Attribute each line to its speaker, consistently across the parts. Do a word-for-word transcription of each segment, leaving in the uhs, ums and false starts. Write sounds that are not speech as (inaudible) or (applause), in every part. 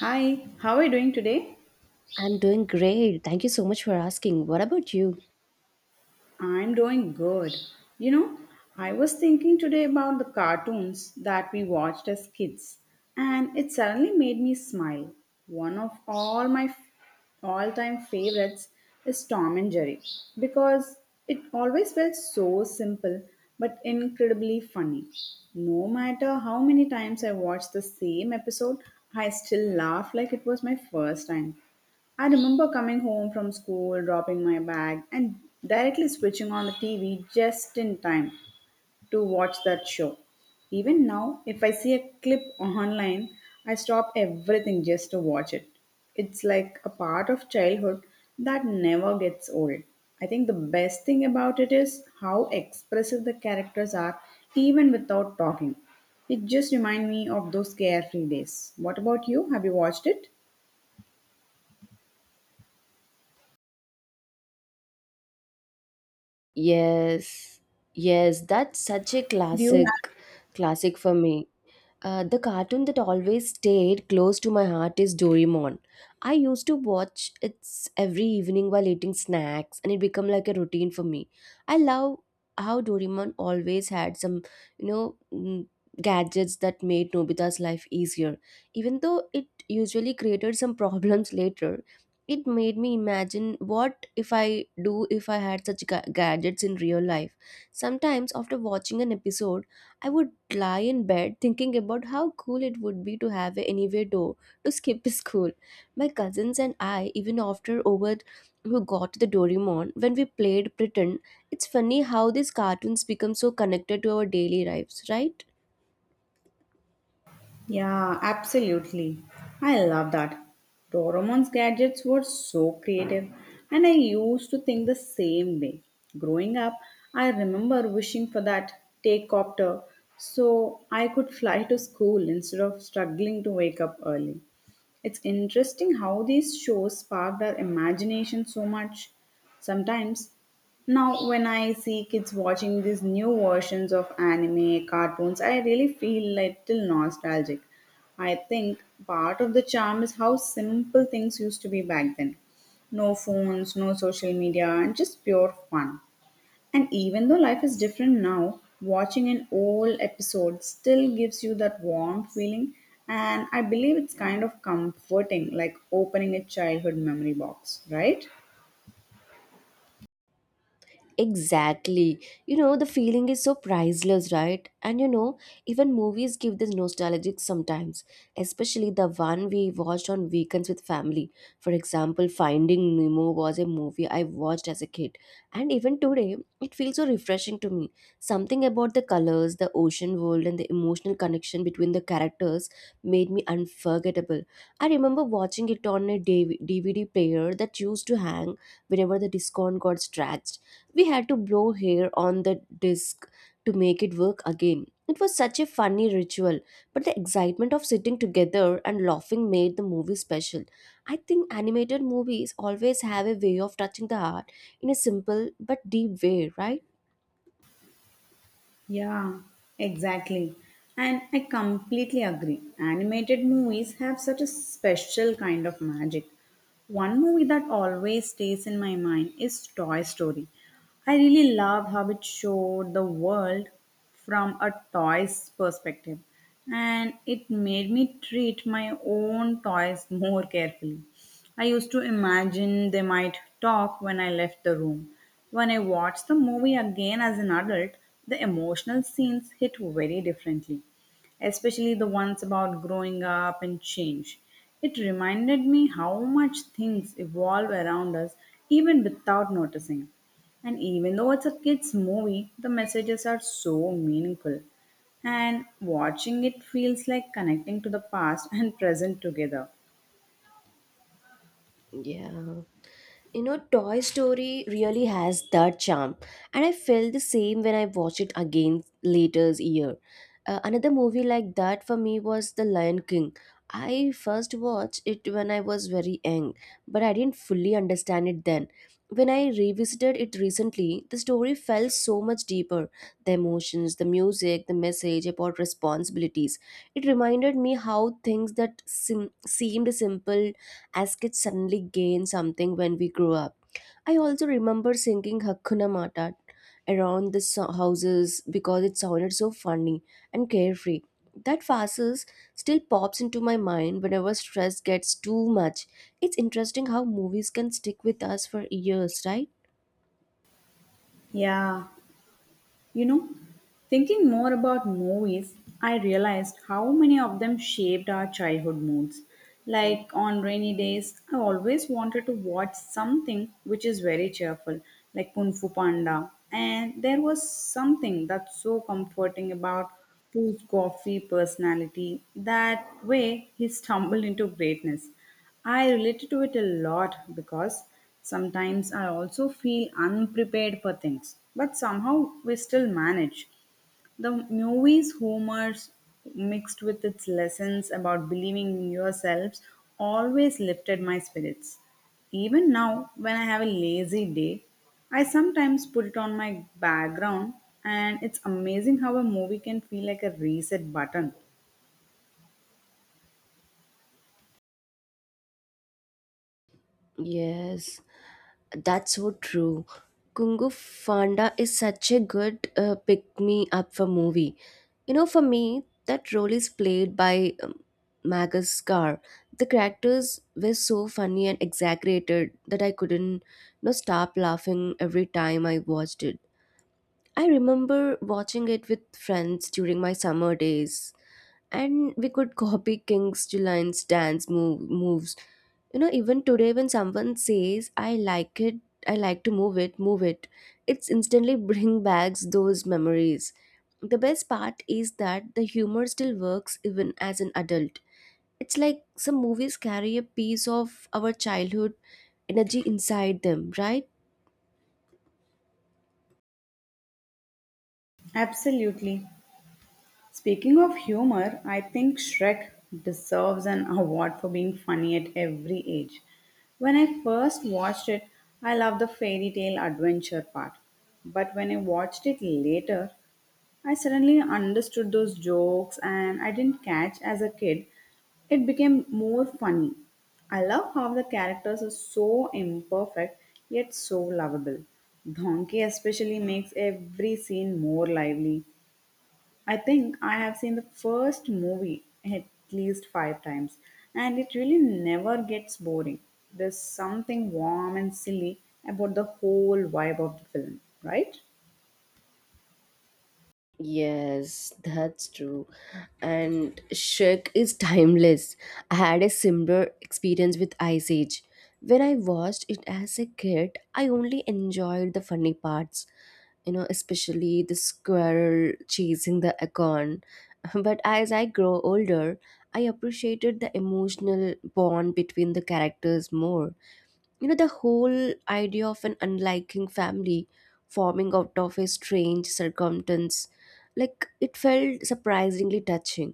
Speaker 1: Hi, how are you doing today?
Speaker 2: I'm doing great. Thank you so much for asking. What about you?
Speaker 1: I'm doing good. You know, I was thinking today about the cartoons that we watched as kids, and it suddenly made me smile. One of all my all-time favorites is Tom and Jerry because it always felt so simple but incredibly funny. No matter how many times I watched the same episode, I still laugh like it was my first time. I remember coming home from school, dropping my bag, and directly switching on the T V just in time to watch that show. Even now, if I see a clip online, I stop everything just to watch it. It's like a part of childhood that never gets old. I think the best thing about it is how expressive the characters are, even without talking. It just reminds me of those carefree days. What about you? Have you watched it?
Speaker 2: Yes, yes, that's such a
Speaker 1: Do you have?
Speaker 2: classic, classic for me. Uh, the cartoon that always stayed close to my heart is Doraemon. I used to watch it every evening while eating snacks, and it became like a routine for me. I love how Doraemon always had some, you know, mm, gadgets that made Nobita's life easier, even though it usually created some (laughs) problems later. It made me imagine what if I do if I had such ga- gadgets in real life. Sometimes after watching an episode, I would lie in bed thinking about how cool it would be to have a anywhere door to skip (laughs) school. My cousins and I even after over who got the Doraemon when we played pretend. It's funny how these cartoons become so connected to our daily lives, right?
Speaker 1: Yeah, absolutely. I love that. Doraemon's gadgets were so creative, and I used to think the same way. Growing up, I remember wishing for that take copter so I could fly to school instead of struggling to wake up early. It's interesting how these shows sparked our imagination so much. Sometimes, now when I see kids watching these new versions of anime, cartoons, I really feel little nostalgic. I think part of the charm is how simple things used to be back then. No phones, no social media, and just pure fun. And even though life is different now, watching an old episode still gives you that warm feeling. And I believe it's kind of comforting, like opening a childhood memory box, right?
Speaker 2: Exactly. You know, the feeling is so priceless, right? And you know, even movies give this nostalgic sometimes, especially the one we watched on weekends with family. For example, Finding Nemo was a movie I watched as a kid. And even today, it feels so refreshing to me. Something about the colors, the ocean world, and the emotional connection between the characters made me unforgettable. I remember watching it on a D V D V D player that used to hang whenever the discount got dragged. We had to blow hair on the disc to make it work again. It was such a funny ritual, but the excitement of sitting together and laughing made the movie special. I think animated movies always have a way of touching the heart in a simple but deep way, right?
Speaker 1: Yeah, exactly. And I completely agree. Animated movies have such a special kind of magic. One movie that always stays in my mind is Toy Story. I really loved how it showed the world from a toy's perspective, and it made me treat my own toys (laughs) more carefully. I used to imagine they might talk when I left the room. When I watched the movie again as an adult, the emotional scenes hit very differently, especially the ones about growing up and change. It reminded me how much things evolve around us even without noticing. And even though it's a kids' movie, the messages are so meaningful. And watching it feels like connecting to the past and (laughs) present together.
Speaker 2: Yeah. You know, Toy Story really has that charm, and I felt the same when I watched it again later year. Uh, another movie like that for me was The Lion King. I first watched it when I was very young, but I didn't fully understand it then. When I revisited it recently, the story felt so much deeper. The emotions, the music, the message about responsibilities, it reminded me how things that sim- seemed simple as kids suddenly gain something when we grow up. I also remember singing Hakuna Matata around the so- houses because it sounded so funny and carefree. That phrase still pops into my mind whenever stress gets too much. It's interesting how movies can stick with us for years, right?
Speaker 1: Yeah. You know, thinking more about movies, I realized how many of them shaped our childhood moods. Like on rainy days, I always wanted to watch something which is very cheerful, like Kung Fu Panda. And there was something that's so comforting about Pooh's coffee personality. That way, he stumbled into greatness. I related to it a lot because sometimes I also feel unprepared for things, but somehow we still manage. The movie's humors mixed with its lessons about believing in yourselves always lifted my spirits. Even now, when I have a lazy day, I sometimes put it on my background, and it's amazing how a movie can feel like a reset button.
Speaker 2: Yes. That's so true. Kungu Fanda is such a good uh, pick me up for movie. You know, for me, that role is played by um, Magus Scar. The characters were so funny and exaggerated that I couldn't you know, stop laughing every time I watched it. I remember watching it with friends during my summer days, and we could copy King's Julian's dance move, moves. You know, even today, when someone says, "I like it," I like to move it, move it, it's instantly (laughs) bring back those memories. The best part is that the humor still works even as an adult. It's like some movies carry a piece of our childhood energy inside them, right?
Speaker 1: Absolutely. Speaking of humor, I think Shrek deserves an award for being funny at every age. When I first watched it, I loved the fairy tale adventure part. But when I watched it later, I suddenly understood those jokes and I didn't catch as a kid. It became more funny. I love how the characters are so imperfect yet so lovable. Donkey especially makes every scene more lively. I think I have seen the first movie at least five times, and it really never gets boring. There's something warm and silly about the whole vibe of the film, right?
Speaker 2: Yes, that's true. And Shrek is timeless. I had a similar experience with Ice Age. When I watched it as a kid, I only enjoyed the funny parts, you know, especially the squirrel chasing the acorn. (laughs) But as I grow older, I appreciated the emotional bond between the characters more. You know, the whole idea of an unliking family forming out of a strange circumstance, like, it felt surprisingly touching.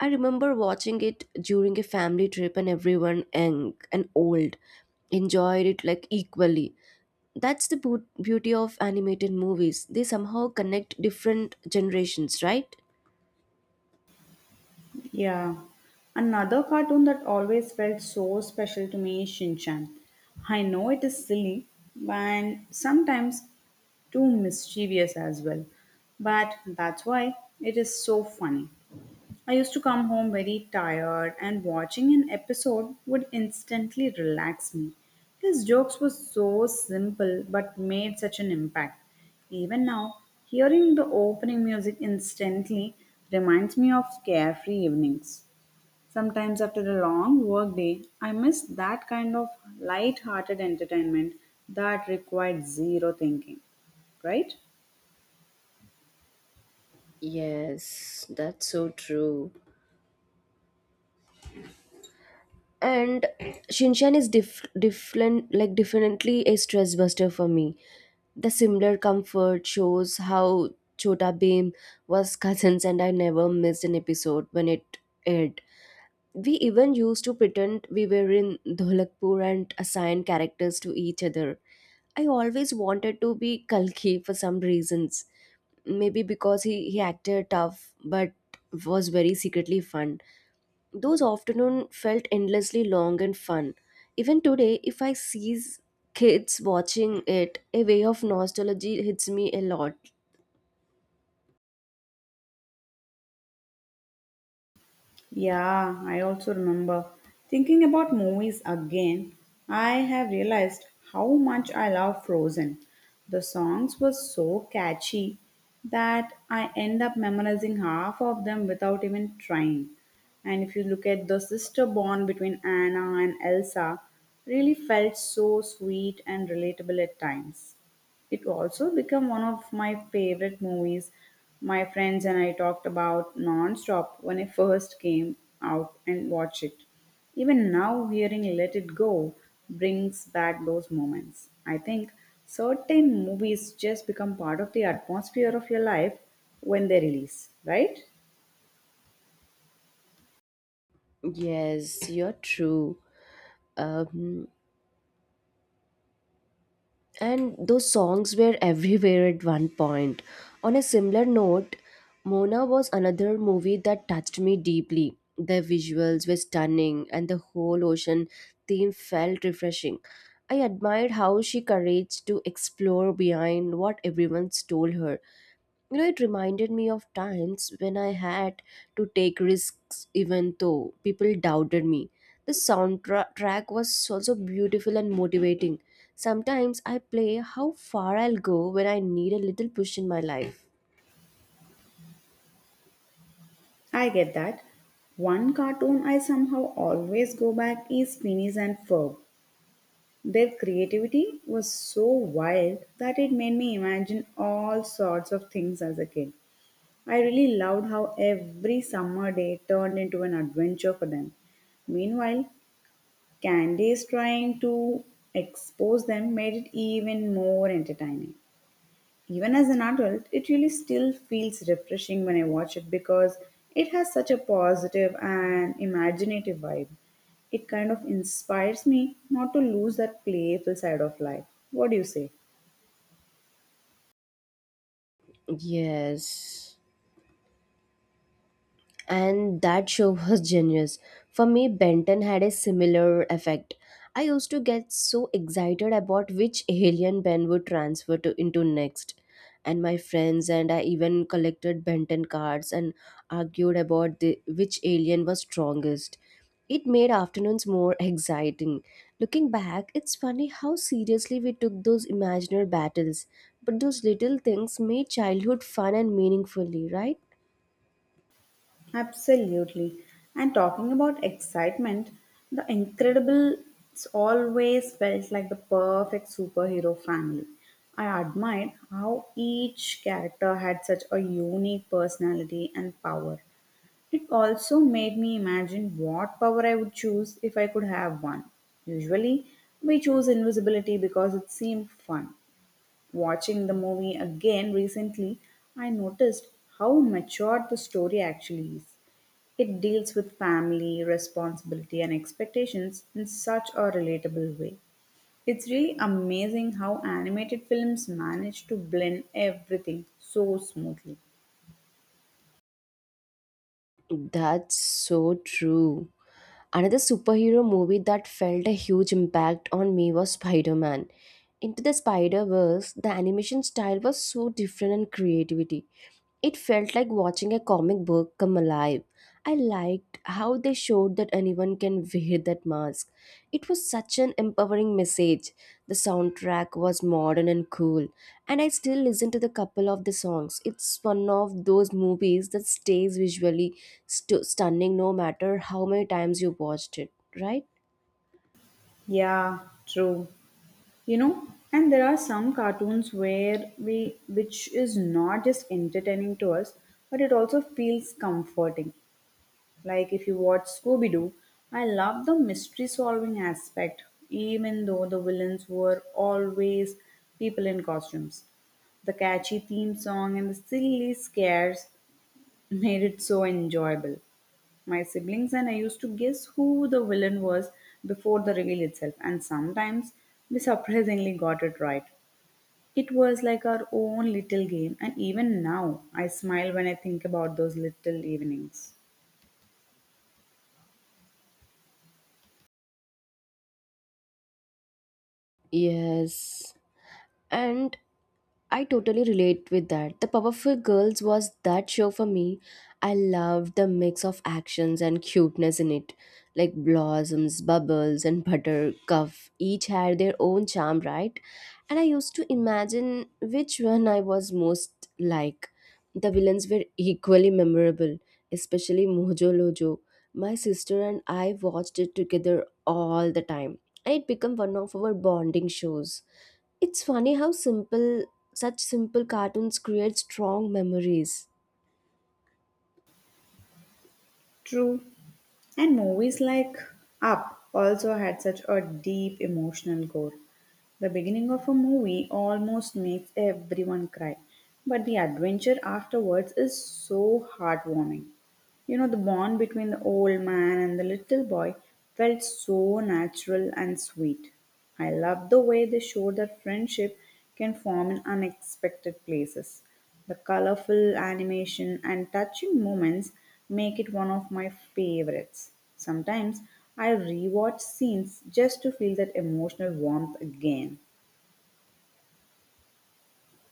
Speaker 2: I remember watching it during a family trip, and everyone, young and old, enjoyed it like equally. That's the beau- beauty of animated movies. They somehow connect different generations, right?
Speaker 1: Yeah. Another cartoon that always felt so special to me is Shinchan. I know it is silly and sometimes too mischievous as well, but that's why it is so funny. I used to come home very tired, and watching an episode would instantly relax me. His jokes were so simple but made such an impact. Even now, hearing the opening music instantly reminds me of carefree evenings. Sometimes, after a long work day, I miss that kind of light hearted entertainment that required zero thinking, right?
Speaker 2: Yes, that's so true. And Shinchan is diff- different, like definitely a stress buster for me. The similar comfort shows how Chota Bheem was cousins, and I never missed an episode when it aired. We even used to pretend we were in Dholakpur and assign characters to each other. I always wanted to be Kalki for some reasons. Maybe because he, he acted tough but was very secretly fun. Those afternoon felt endlessly long and fun. Even today, if I see kids watching it, a wave of nostalgia hits me a lot.
Speaker 1: Yeah, I also remember. Thinking about movies again, I have realized how much I love Frozen. The songs were so catchy that I end up memorizing half of them without even trying. And if you look at the sister bond between Anna and Elsa, really felt so sweet and relatable at times. It also became one of my favorite movies. My friends and I talked about non-stop when I first came out and watched it. Even now, hearing Let It Go brings back those moments. I think certain movies just become part of the atmosphere of your life when they release, right?
Speaker 2: Yes, you're true. Um, and those songs were everywhere at one point. On a similar note, Mona was another movie that touched me deeply. The visuals were stunning, and the whole ocean theme felt refreshing. I admired how she courage to explore behind what everyone told her. You know, it reminded me of times when I had to take risks even though people doubted me. The soundtrack was also beautiful and motivating. Sometimes I play how far I'll go when I need a little push in my life.
Speaker 1: I get that. One cartoon I somehow always go back is Phineas and Ferb. Their creativity was so wild that it made me imagine all sorts of things as a kid. I really loved how every summer day turned into an adventure for them. Meanwhile, Candy's trying to expose them made it even more entertaining even as an adult, it really still feels refreshing when I watch it because it has such a positive and imaginative vibe. It kind of inspires me not to lose that playful side of life. What do you say?
Speaker 2: Yes, and that show (laughs) was genius. For me, Benton had a similar effect. I used to get so excited about which alien Ben would transfer to into next. And my friends and I even collected Benton cards and argued about the, which alien was strongest. It made afternoons more (laughs) exciting. Looking back, it's funny how seriously we took those imaginary battles, but those little things made childhood fun and meaningfully, right?
Speaker 1: Absolutely. And talking about excitement, the Incredibles always felt like the perfect superhero family. I admired how each character had such a unique personality and power. It also made me imagine what power I would choose if I could have one. Usually, we choose invisibility because it seemed fun. Watching the movie again recently, I noticed how matured the story actually is. It deals with family, responsibility, and expectations in such a relatable way. It's really amazing how animated films manage to blend everything so smoothly.
Speaker 2: That's so true. Another superhero movie that felt a huge impact on me was Spider Man. Into the Spider-Verse, the animation style was so different and creativity. It felt like watching a comic book come alive. I liked how they showed that anyone can wear that mask. It was such an empowering message. The soundtrack was modern and cool, and I still listen to the couple of the songs. It's one of those movies that stays visually stu- stunning no matter how many times you watched it, right?
Speaker 1: Yeah, true. You know, and there are some cartoons where we which is not just entertaining to us but it also feels comforting, like if you watch Scooby Doo, I love the mystery solving aspect. Even though the villains were always people in costumes, the catchy theme song and the silly scares (laughs) made it so enjoyable. My siblings and I used to guess who the villain was before the reveal itself, and sometimes we surprisingly got it right. It was like our own little game, and even now I smile when I think about those little evenings.
Speaker 2: Yes. And I totally relate with that. The Powerful Girls was that show for me. I loved the mix of actions and cuteness in it. Like Blossoms, Bubbles, and Buttercup each had their own charm, right? And I used to imagine which one I was most like. The villains were equally memorable, especially Mojo Lojo. My sister and I watched it together all the time, and it became one of our bonding shows. It's funny how simple, such simple cartoons create strong memories.
Speaker 1: True. And movies like Up also had such a deep emotional core. The beginning of a movie almost makes everyone cry, but the adventure afterwards is so heartwarming. You know, the bond between the old man and the little boy felt so natural and sweet. I love the way they showed that friendship can form in unexpected places. The colorful animation and touching moments make it one of my favorites. Sometimes I rewatch scenes just to feel that emotional warmth again.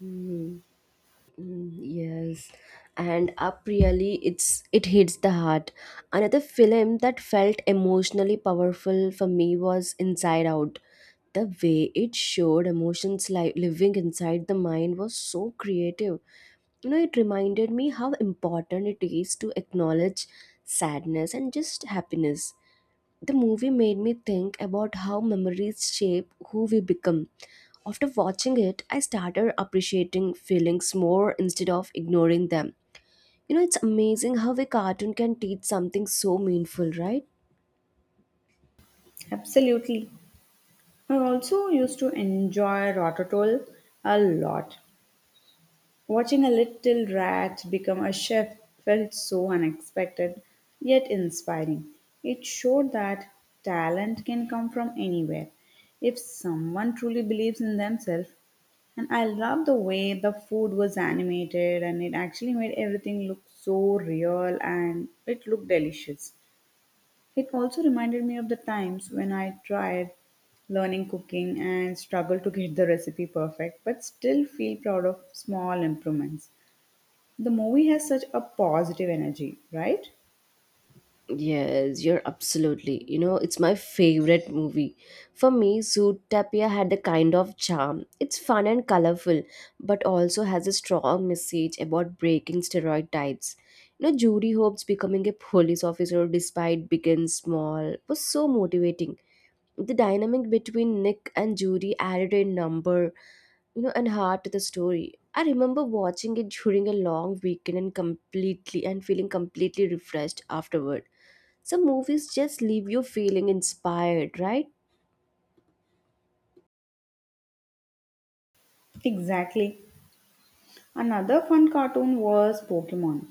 Speaker 2: Mm, mm, yes, and up really, it's it hits the heart. Another film that felt emotionally powerful for me was Inside Out. The way it showed emotions like living inside the mind was so creative. You know, it reminded me how important it is to acknowledge sadness and just happiness. The movie made me think about how memories shape who we become. After watching it, I started appreciating feelings more instead of ignoring them. You know, it's amazing how a cartoon can teach something so meaningful, right?
Speaker 1: Absolutely. I also used to enjoy Rototoll a lot. Watching a little rat become a chef felt so unexpected, yet inspiring. It showed that talent can come from anywhere if someone truly believes in themselves. And I love the way the food was animated and it actually made everything look so real and it looked delicious. It also reminded me of the times when I tried learning cooking and struggled to get the recipe perfect but still feel proud of small improvements. The movie has such a positive energy, right?
Speaker 2: Yes, you're absolutely. You know, it's my favorite movie. For me, Zoot Tapia had a kind of charm. It's fun and colorful, but also has a strong message about breaking stereotypes. You know, Judy Hope's becoming a police officer despite being small was so motivating. The dynamic between Nick and Judy added a number, you know, and heart to the story. I remember watching it during a long weekend and completely and feeling completely refreshed afterward. Some movies just leave you feeling inspired, right?
Speaker 1: Exactly. Another fun cartoon was Pokemon.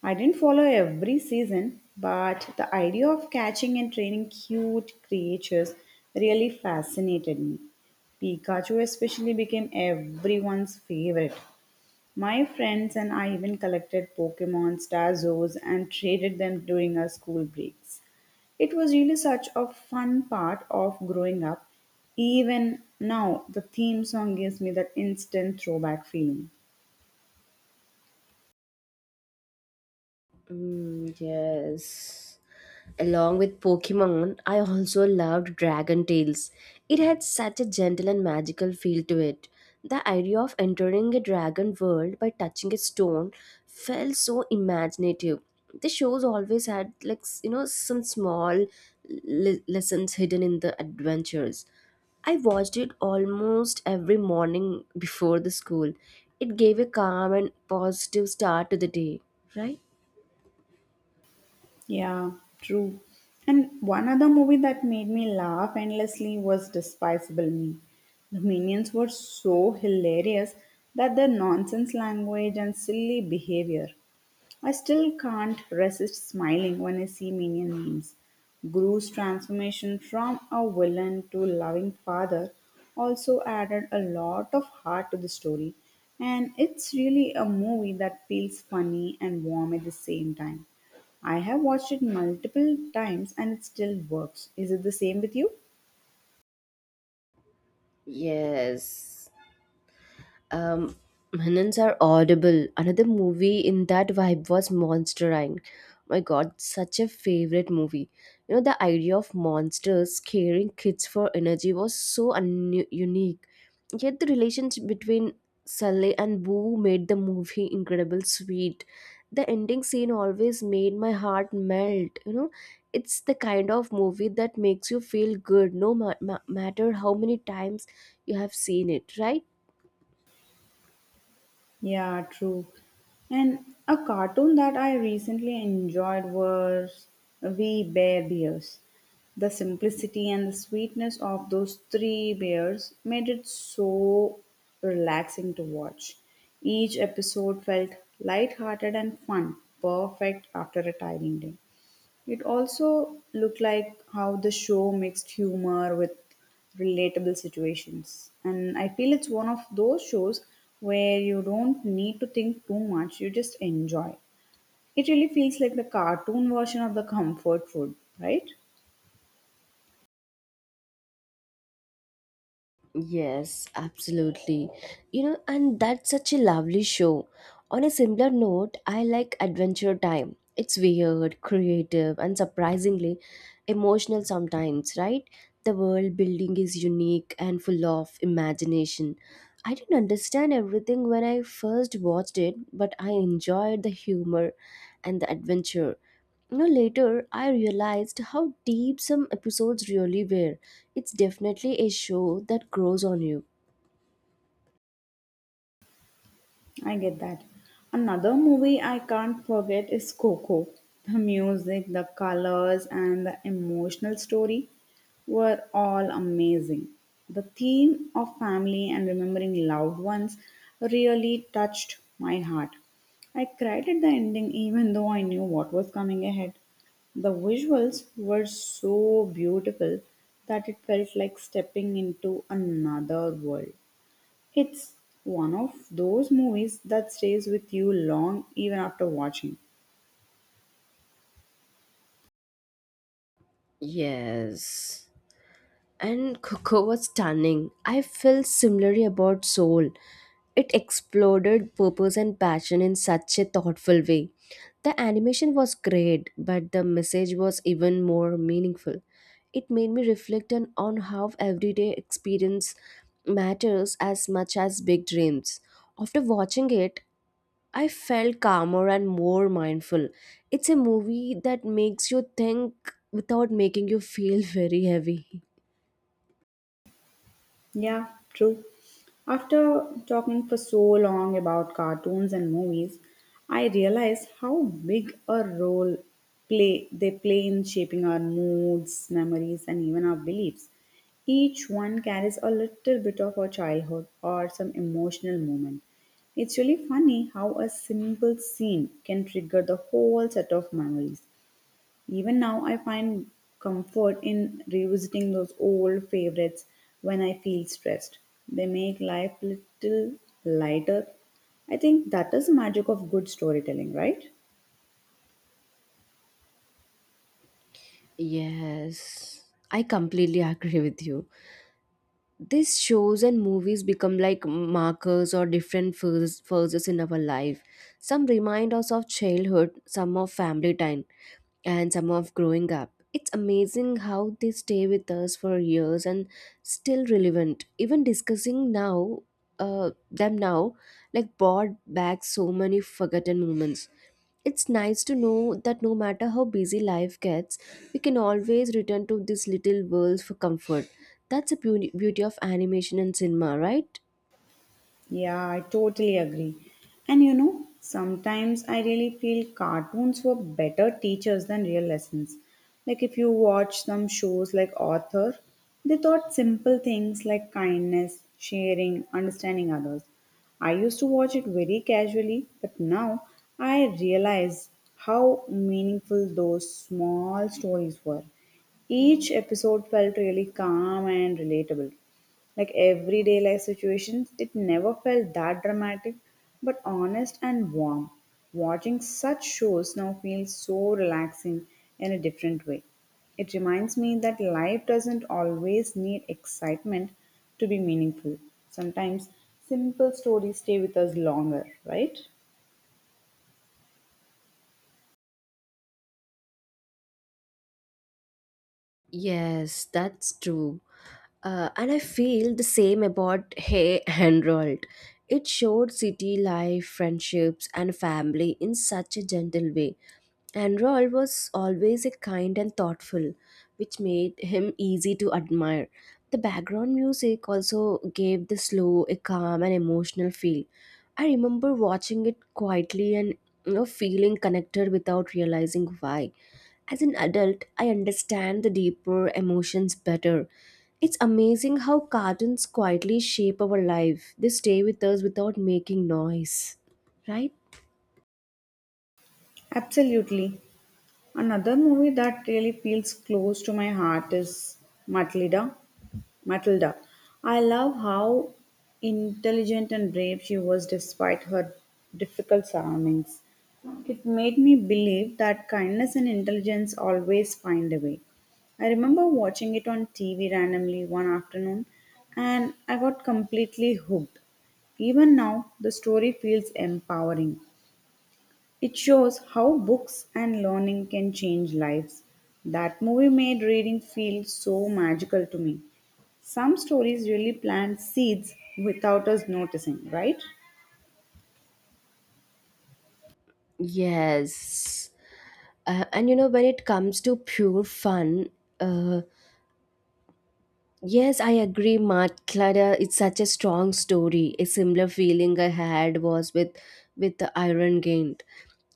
Speaker 1: I didn't follow every season, but the idea of catching and training cute creatures really fascinated me. Pikachu especially became everyone's favorite. My friends and I even collected Pokemon, Starzos, and traded them during our school breaks. It was really such a fun part of growing up. Even now, the theme song gives me that instant throwback feeling.
Speaker 2: Mm, yes. Along with Pokemon, I also loved Dragon Tales. It had such a gentle and magical feel to it. The idea of entering a dragon world by touching a stone felt so imaginative. The shows always had like s- you know some small le- lessons hidden in the adventures. I watched it almost every morning before the school. It gave a calm and positive start to the day, right?
Speaker 1: Yeah, true. And one other movie that made me laugh endlessly was Despicable Me. The minions were so hilarious that their nonsense language and silly behavior I still can't resist smiling when I see Minion memes. Gru's transformation from a villain to loving father also added a lot of heart to the story, and it's really a movie that feels funny and warm at the same time. I have watched it multiple times and it still works. Is it the same with you?
Speaker 2: Yes. Um, Minans are audible. Another movie in that vibe was Monster inc. My god, such a favorite movie. You know, the idea of monsters scaring kids for energy was so un- unique. Yet the relations between Sully and Boo made the movie incredible sweet. The ending scene always made my heart melt. You know, it's the kind of movie that makes you feel good no ma- ma- matter how many times you have seen it, right?
Speaker 1: Yeah, true. And a cartoon that I recently enjoyed was We Bear Bears. The simplicity and the sweetness of those three bears made it so relaxing to watch. Each episode felt lighthearted and fun, perfect after a tiring day. It also looked like how the show mixed humor with relatable situations. And I feel it's one of those shows where you don't need to think too much, you just enjoy. It really feels like the cartoon version of the comfort food, right?
Speaker 2: Yes, absolutely. You know, and that's such a lovely show. On a similar note, I like Adventure Time. It's weird, creative, and surprisingly emotional sometimes, right? The world building is unique and full of imagination. I didn't understand everything when I first watched it, but I enjoyed the humor and the adventure. You know, later I realized how deep some episodes really were. It's definitely a show that grows on you.
Speaker 1: I get that. Another movie I can't forget is Coco. The music, the colors, and the emotional story were all amazing. The theme of family and remembering loved ones really touched my heart. I cried at the ending even though I knew what was coming ahead. The visuals were so beautiful that it felt like stepping into another world. It's one of those movies that stays with you long even after watching.
Speaker 2: Yes. And Coco was stunning. I felt similarly about Soul. It exploded purpose and passion in such a thoughtful way. The animation was great, but the message was even more meaningful. It made me reflect on on how everyday experience matters as much as big dreams. After watching it, I felt calmer and more mindful. It's a movie that makes you think without making you feel (laughs) very heavy.
Speaker 1: Yeah, true. After talking for so long about cartoons and movies, I realized how big a role play they play in shaping our moods, memories and even our beliefs. Each one carries a little bit of our childhood or some emotional moment. It's really funny how a simple scene can trigger the whole set of memories. Even now, I find comfort in revisiting those old favorites when I feel stressed. They make life little lighter. I think that is the magic of good storytelling, right?
Speaker 2: Yes, I completely (laughs) agree with you. These shows and movies become like markers or different phases phases in our life. Some remind us of childhood, some of family time, and some of growing up. It's amazing how they stay with us for years and still relevant. Even discussing now, uh, them now, like brought back so many forgotten moments. It's nice to know that no matter how busy life gets, we can always return to this little world for comfort. That's the beauty beauty of animation and cinema, right?
Speaker 1: Yeah, I totally agree. And you know, sometimes I really feel cartoons were better teachers than real lessons. Like if you watch some shows like Author, they taught simple things like kindness, sharing, understanding others. I used to watch it very casually, but now I realize how meaningful those small stories were. Each episode felt really calm and relatable, like everyday life situations. It never felt that dramatic but honest and warm. Watching such shows now feels so relaxing in a different way. It reminds me that life doesn't always need excitement to be meaningful. Sometimes simple stories stay with us longer, right?
Speaker 2: Yes, that's true. Uh, and I feel the same about Hey Harold. It showed city life, friendships, and family in such a gentle way. And Roald was always a kind and thoughtful, which made him easy to admire. The background music also gave the slow a calm and emotional feel. I remember watching it quietly and, you know, feeling connected without realizing why. As an adult, I understand the deeper emotions better. It's amazing how cartoons quietly shape our life. They stay with us without making noise, right?
Speaker 1: Absolutely. Another movie that really feels close to my heart is Matilda. Matilda. I love how intelligent and brave she was despite her difficult surroundings. It made me believe that kindness and intelligence always find a way. I remember watching it on T V randomly one afternoon and I got completely hooked. Even now, the story feels empowering. It shows how books and learning can change lives. That movie made reading feel so magical to me. Some stories really plant seeds without us noticing, right?
Speaker 2: Yes. Uh, and you know, when it comes to pure fun, uh, yes, I agree, Mad Clara. It's such a strong story. A similar feeling I had was with with the Iron Gate.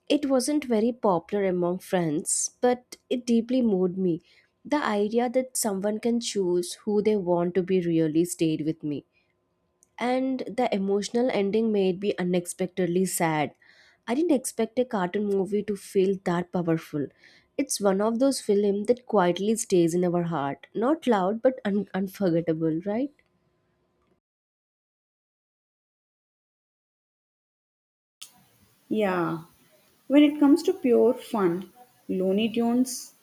Speaker 2: It wasn't very popular among friends, but it deeply moved me. The idea that someone can choose who they want to be really stayed with me, and the emotional ending made me unexpectedly sad. I didn't expect a cartoon movie to feel that powerful. It's one of those films that quietly stays in our heart, not loud but un- unforgettable, right?
Speaker 1: Yeah, when it comes to pure fun, Looney Tunes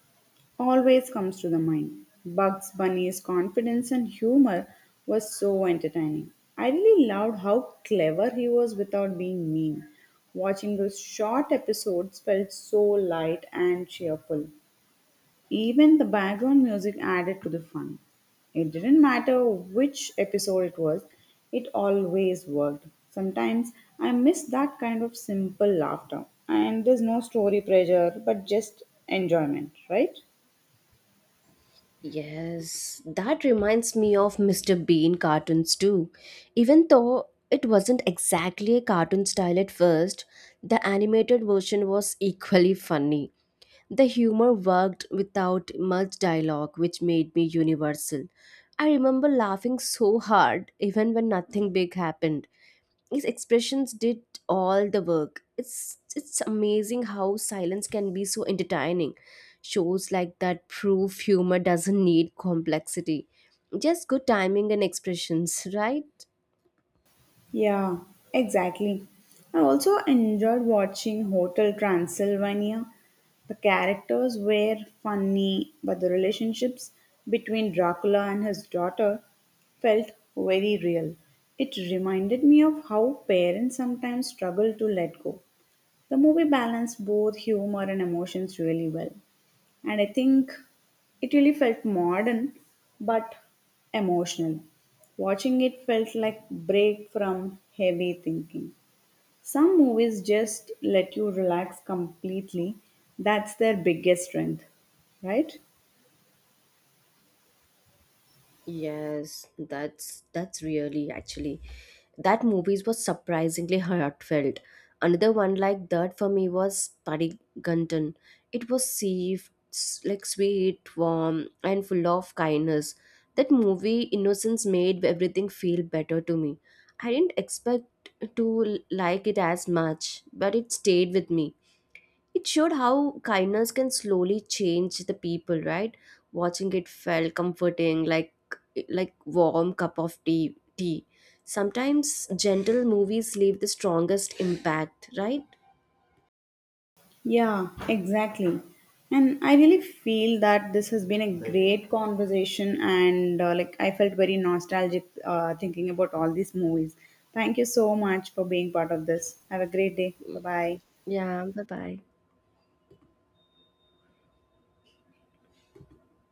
Speaker 1: always comes to the mind. Bugs Bunny's confidence and humor was so entertaining. I really loved how clever he was without being mean. Watching those short episodes felt so light and cheerful. Even the background music added to the fun. It didn't matter which episode it was, it always worked. Sometimes I miss that kind of simple laughter, and there's no story pressure but just enjoyment, right?
Speaker 2: Yes, that reminds me of mister Bean cartoons too. Even though it wasn't exactly a cartoon style at first, the animated version was equally funny. The humor worked without much dialogue, which made me universal. I remember laughing so hard, even when nothing big happened. His expressions did all the work. It's it's amazing how silence can be so entertaining. Shows like that prove humor doesn't need complexity. Just good timing and expressions, right?
Speaker 1: Yeah, exactly. I also enjoyed watching Hotel Transylvania. The characters were funny, but the relationships between Dracula and his daughter felt very real. It reminded me of how parents sometimes struggle to let go. The movie balanced both humor and emotions really well. And I think it really felt modern but emotional. Watching it felt like break from heavy thinking. Some movies just let you relax completely. That's their biggest strength, right?
Speaker 2: Yes, that's that's really actually that movies was surprisingly heartfelt. Another one like that for me was Padigantan. It was safe, s- like sweet, warm, and full of kindness. That movie Innocence made everything feel better to me. I didn't expect to l- like it as much, but it stayed with me. It showed how kindness can slowly change the people, right? Watching it felt comforting, like like warm cup of tea. Tea. Sometimes gentle movies leave the strongest impact, right?
Speaker 1: Yeah, exactly. And I really feel that this has been a great conversation, and uh, like I felt very nostalgic, uh, thinking about all these movies. Thank you so much for being part of this. Have a great day. Bye bye.
Speaker 2: Yeah. Bye bye.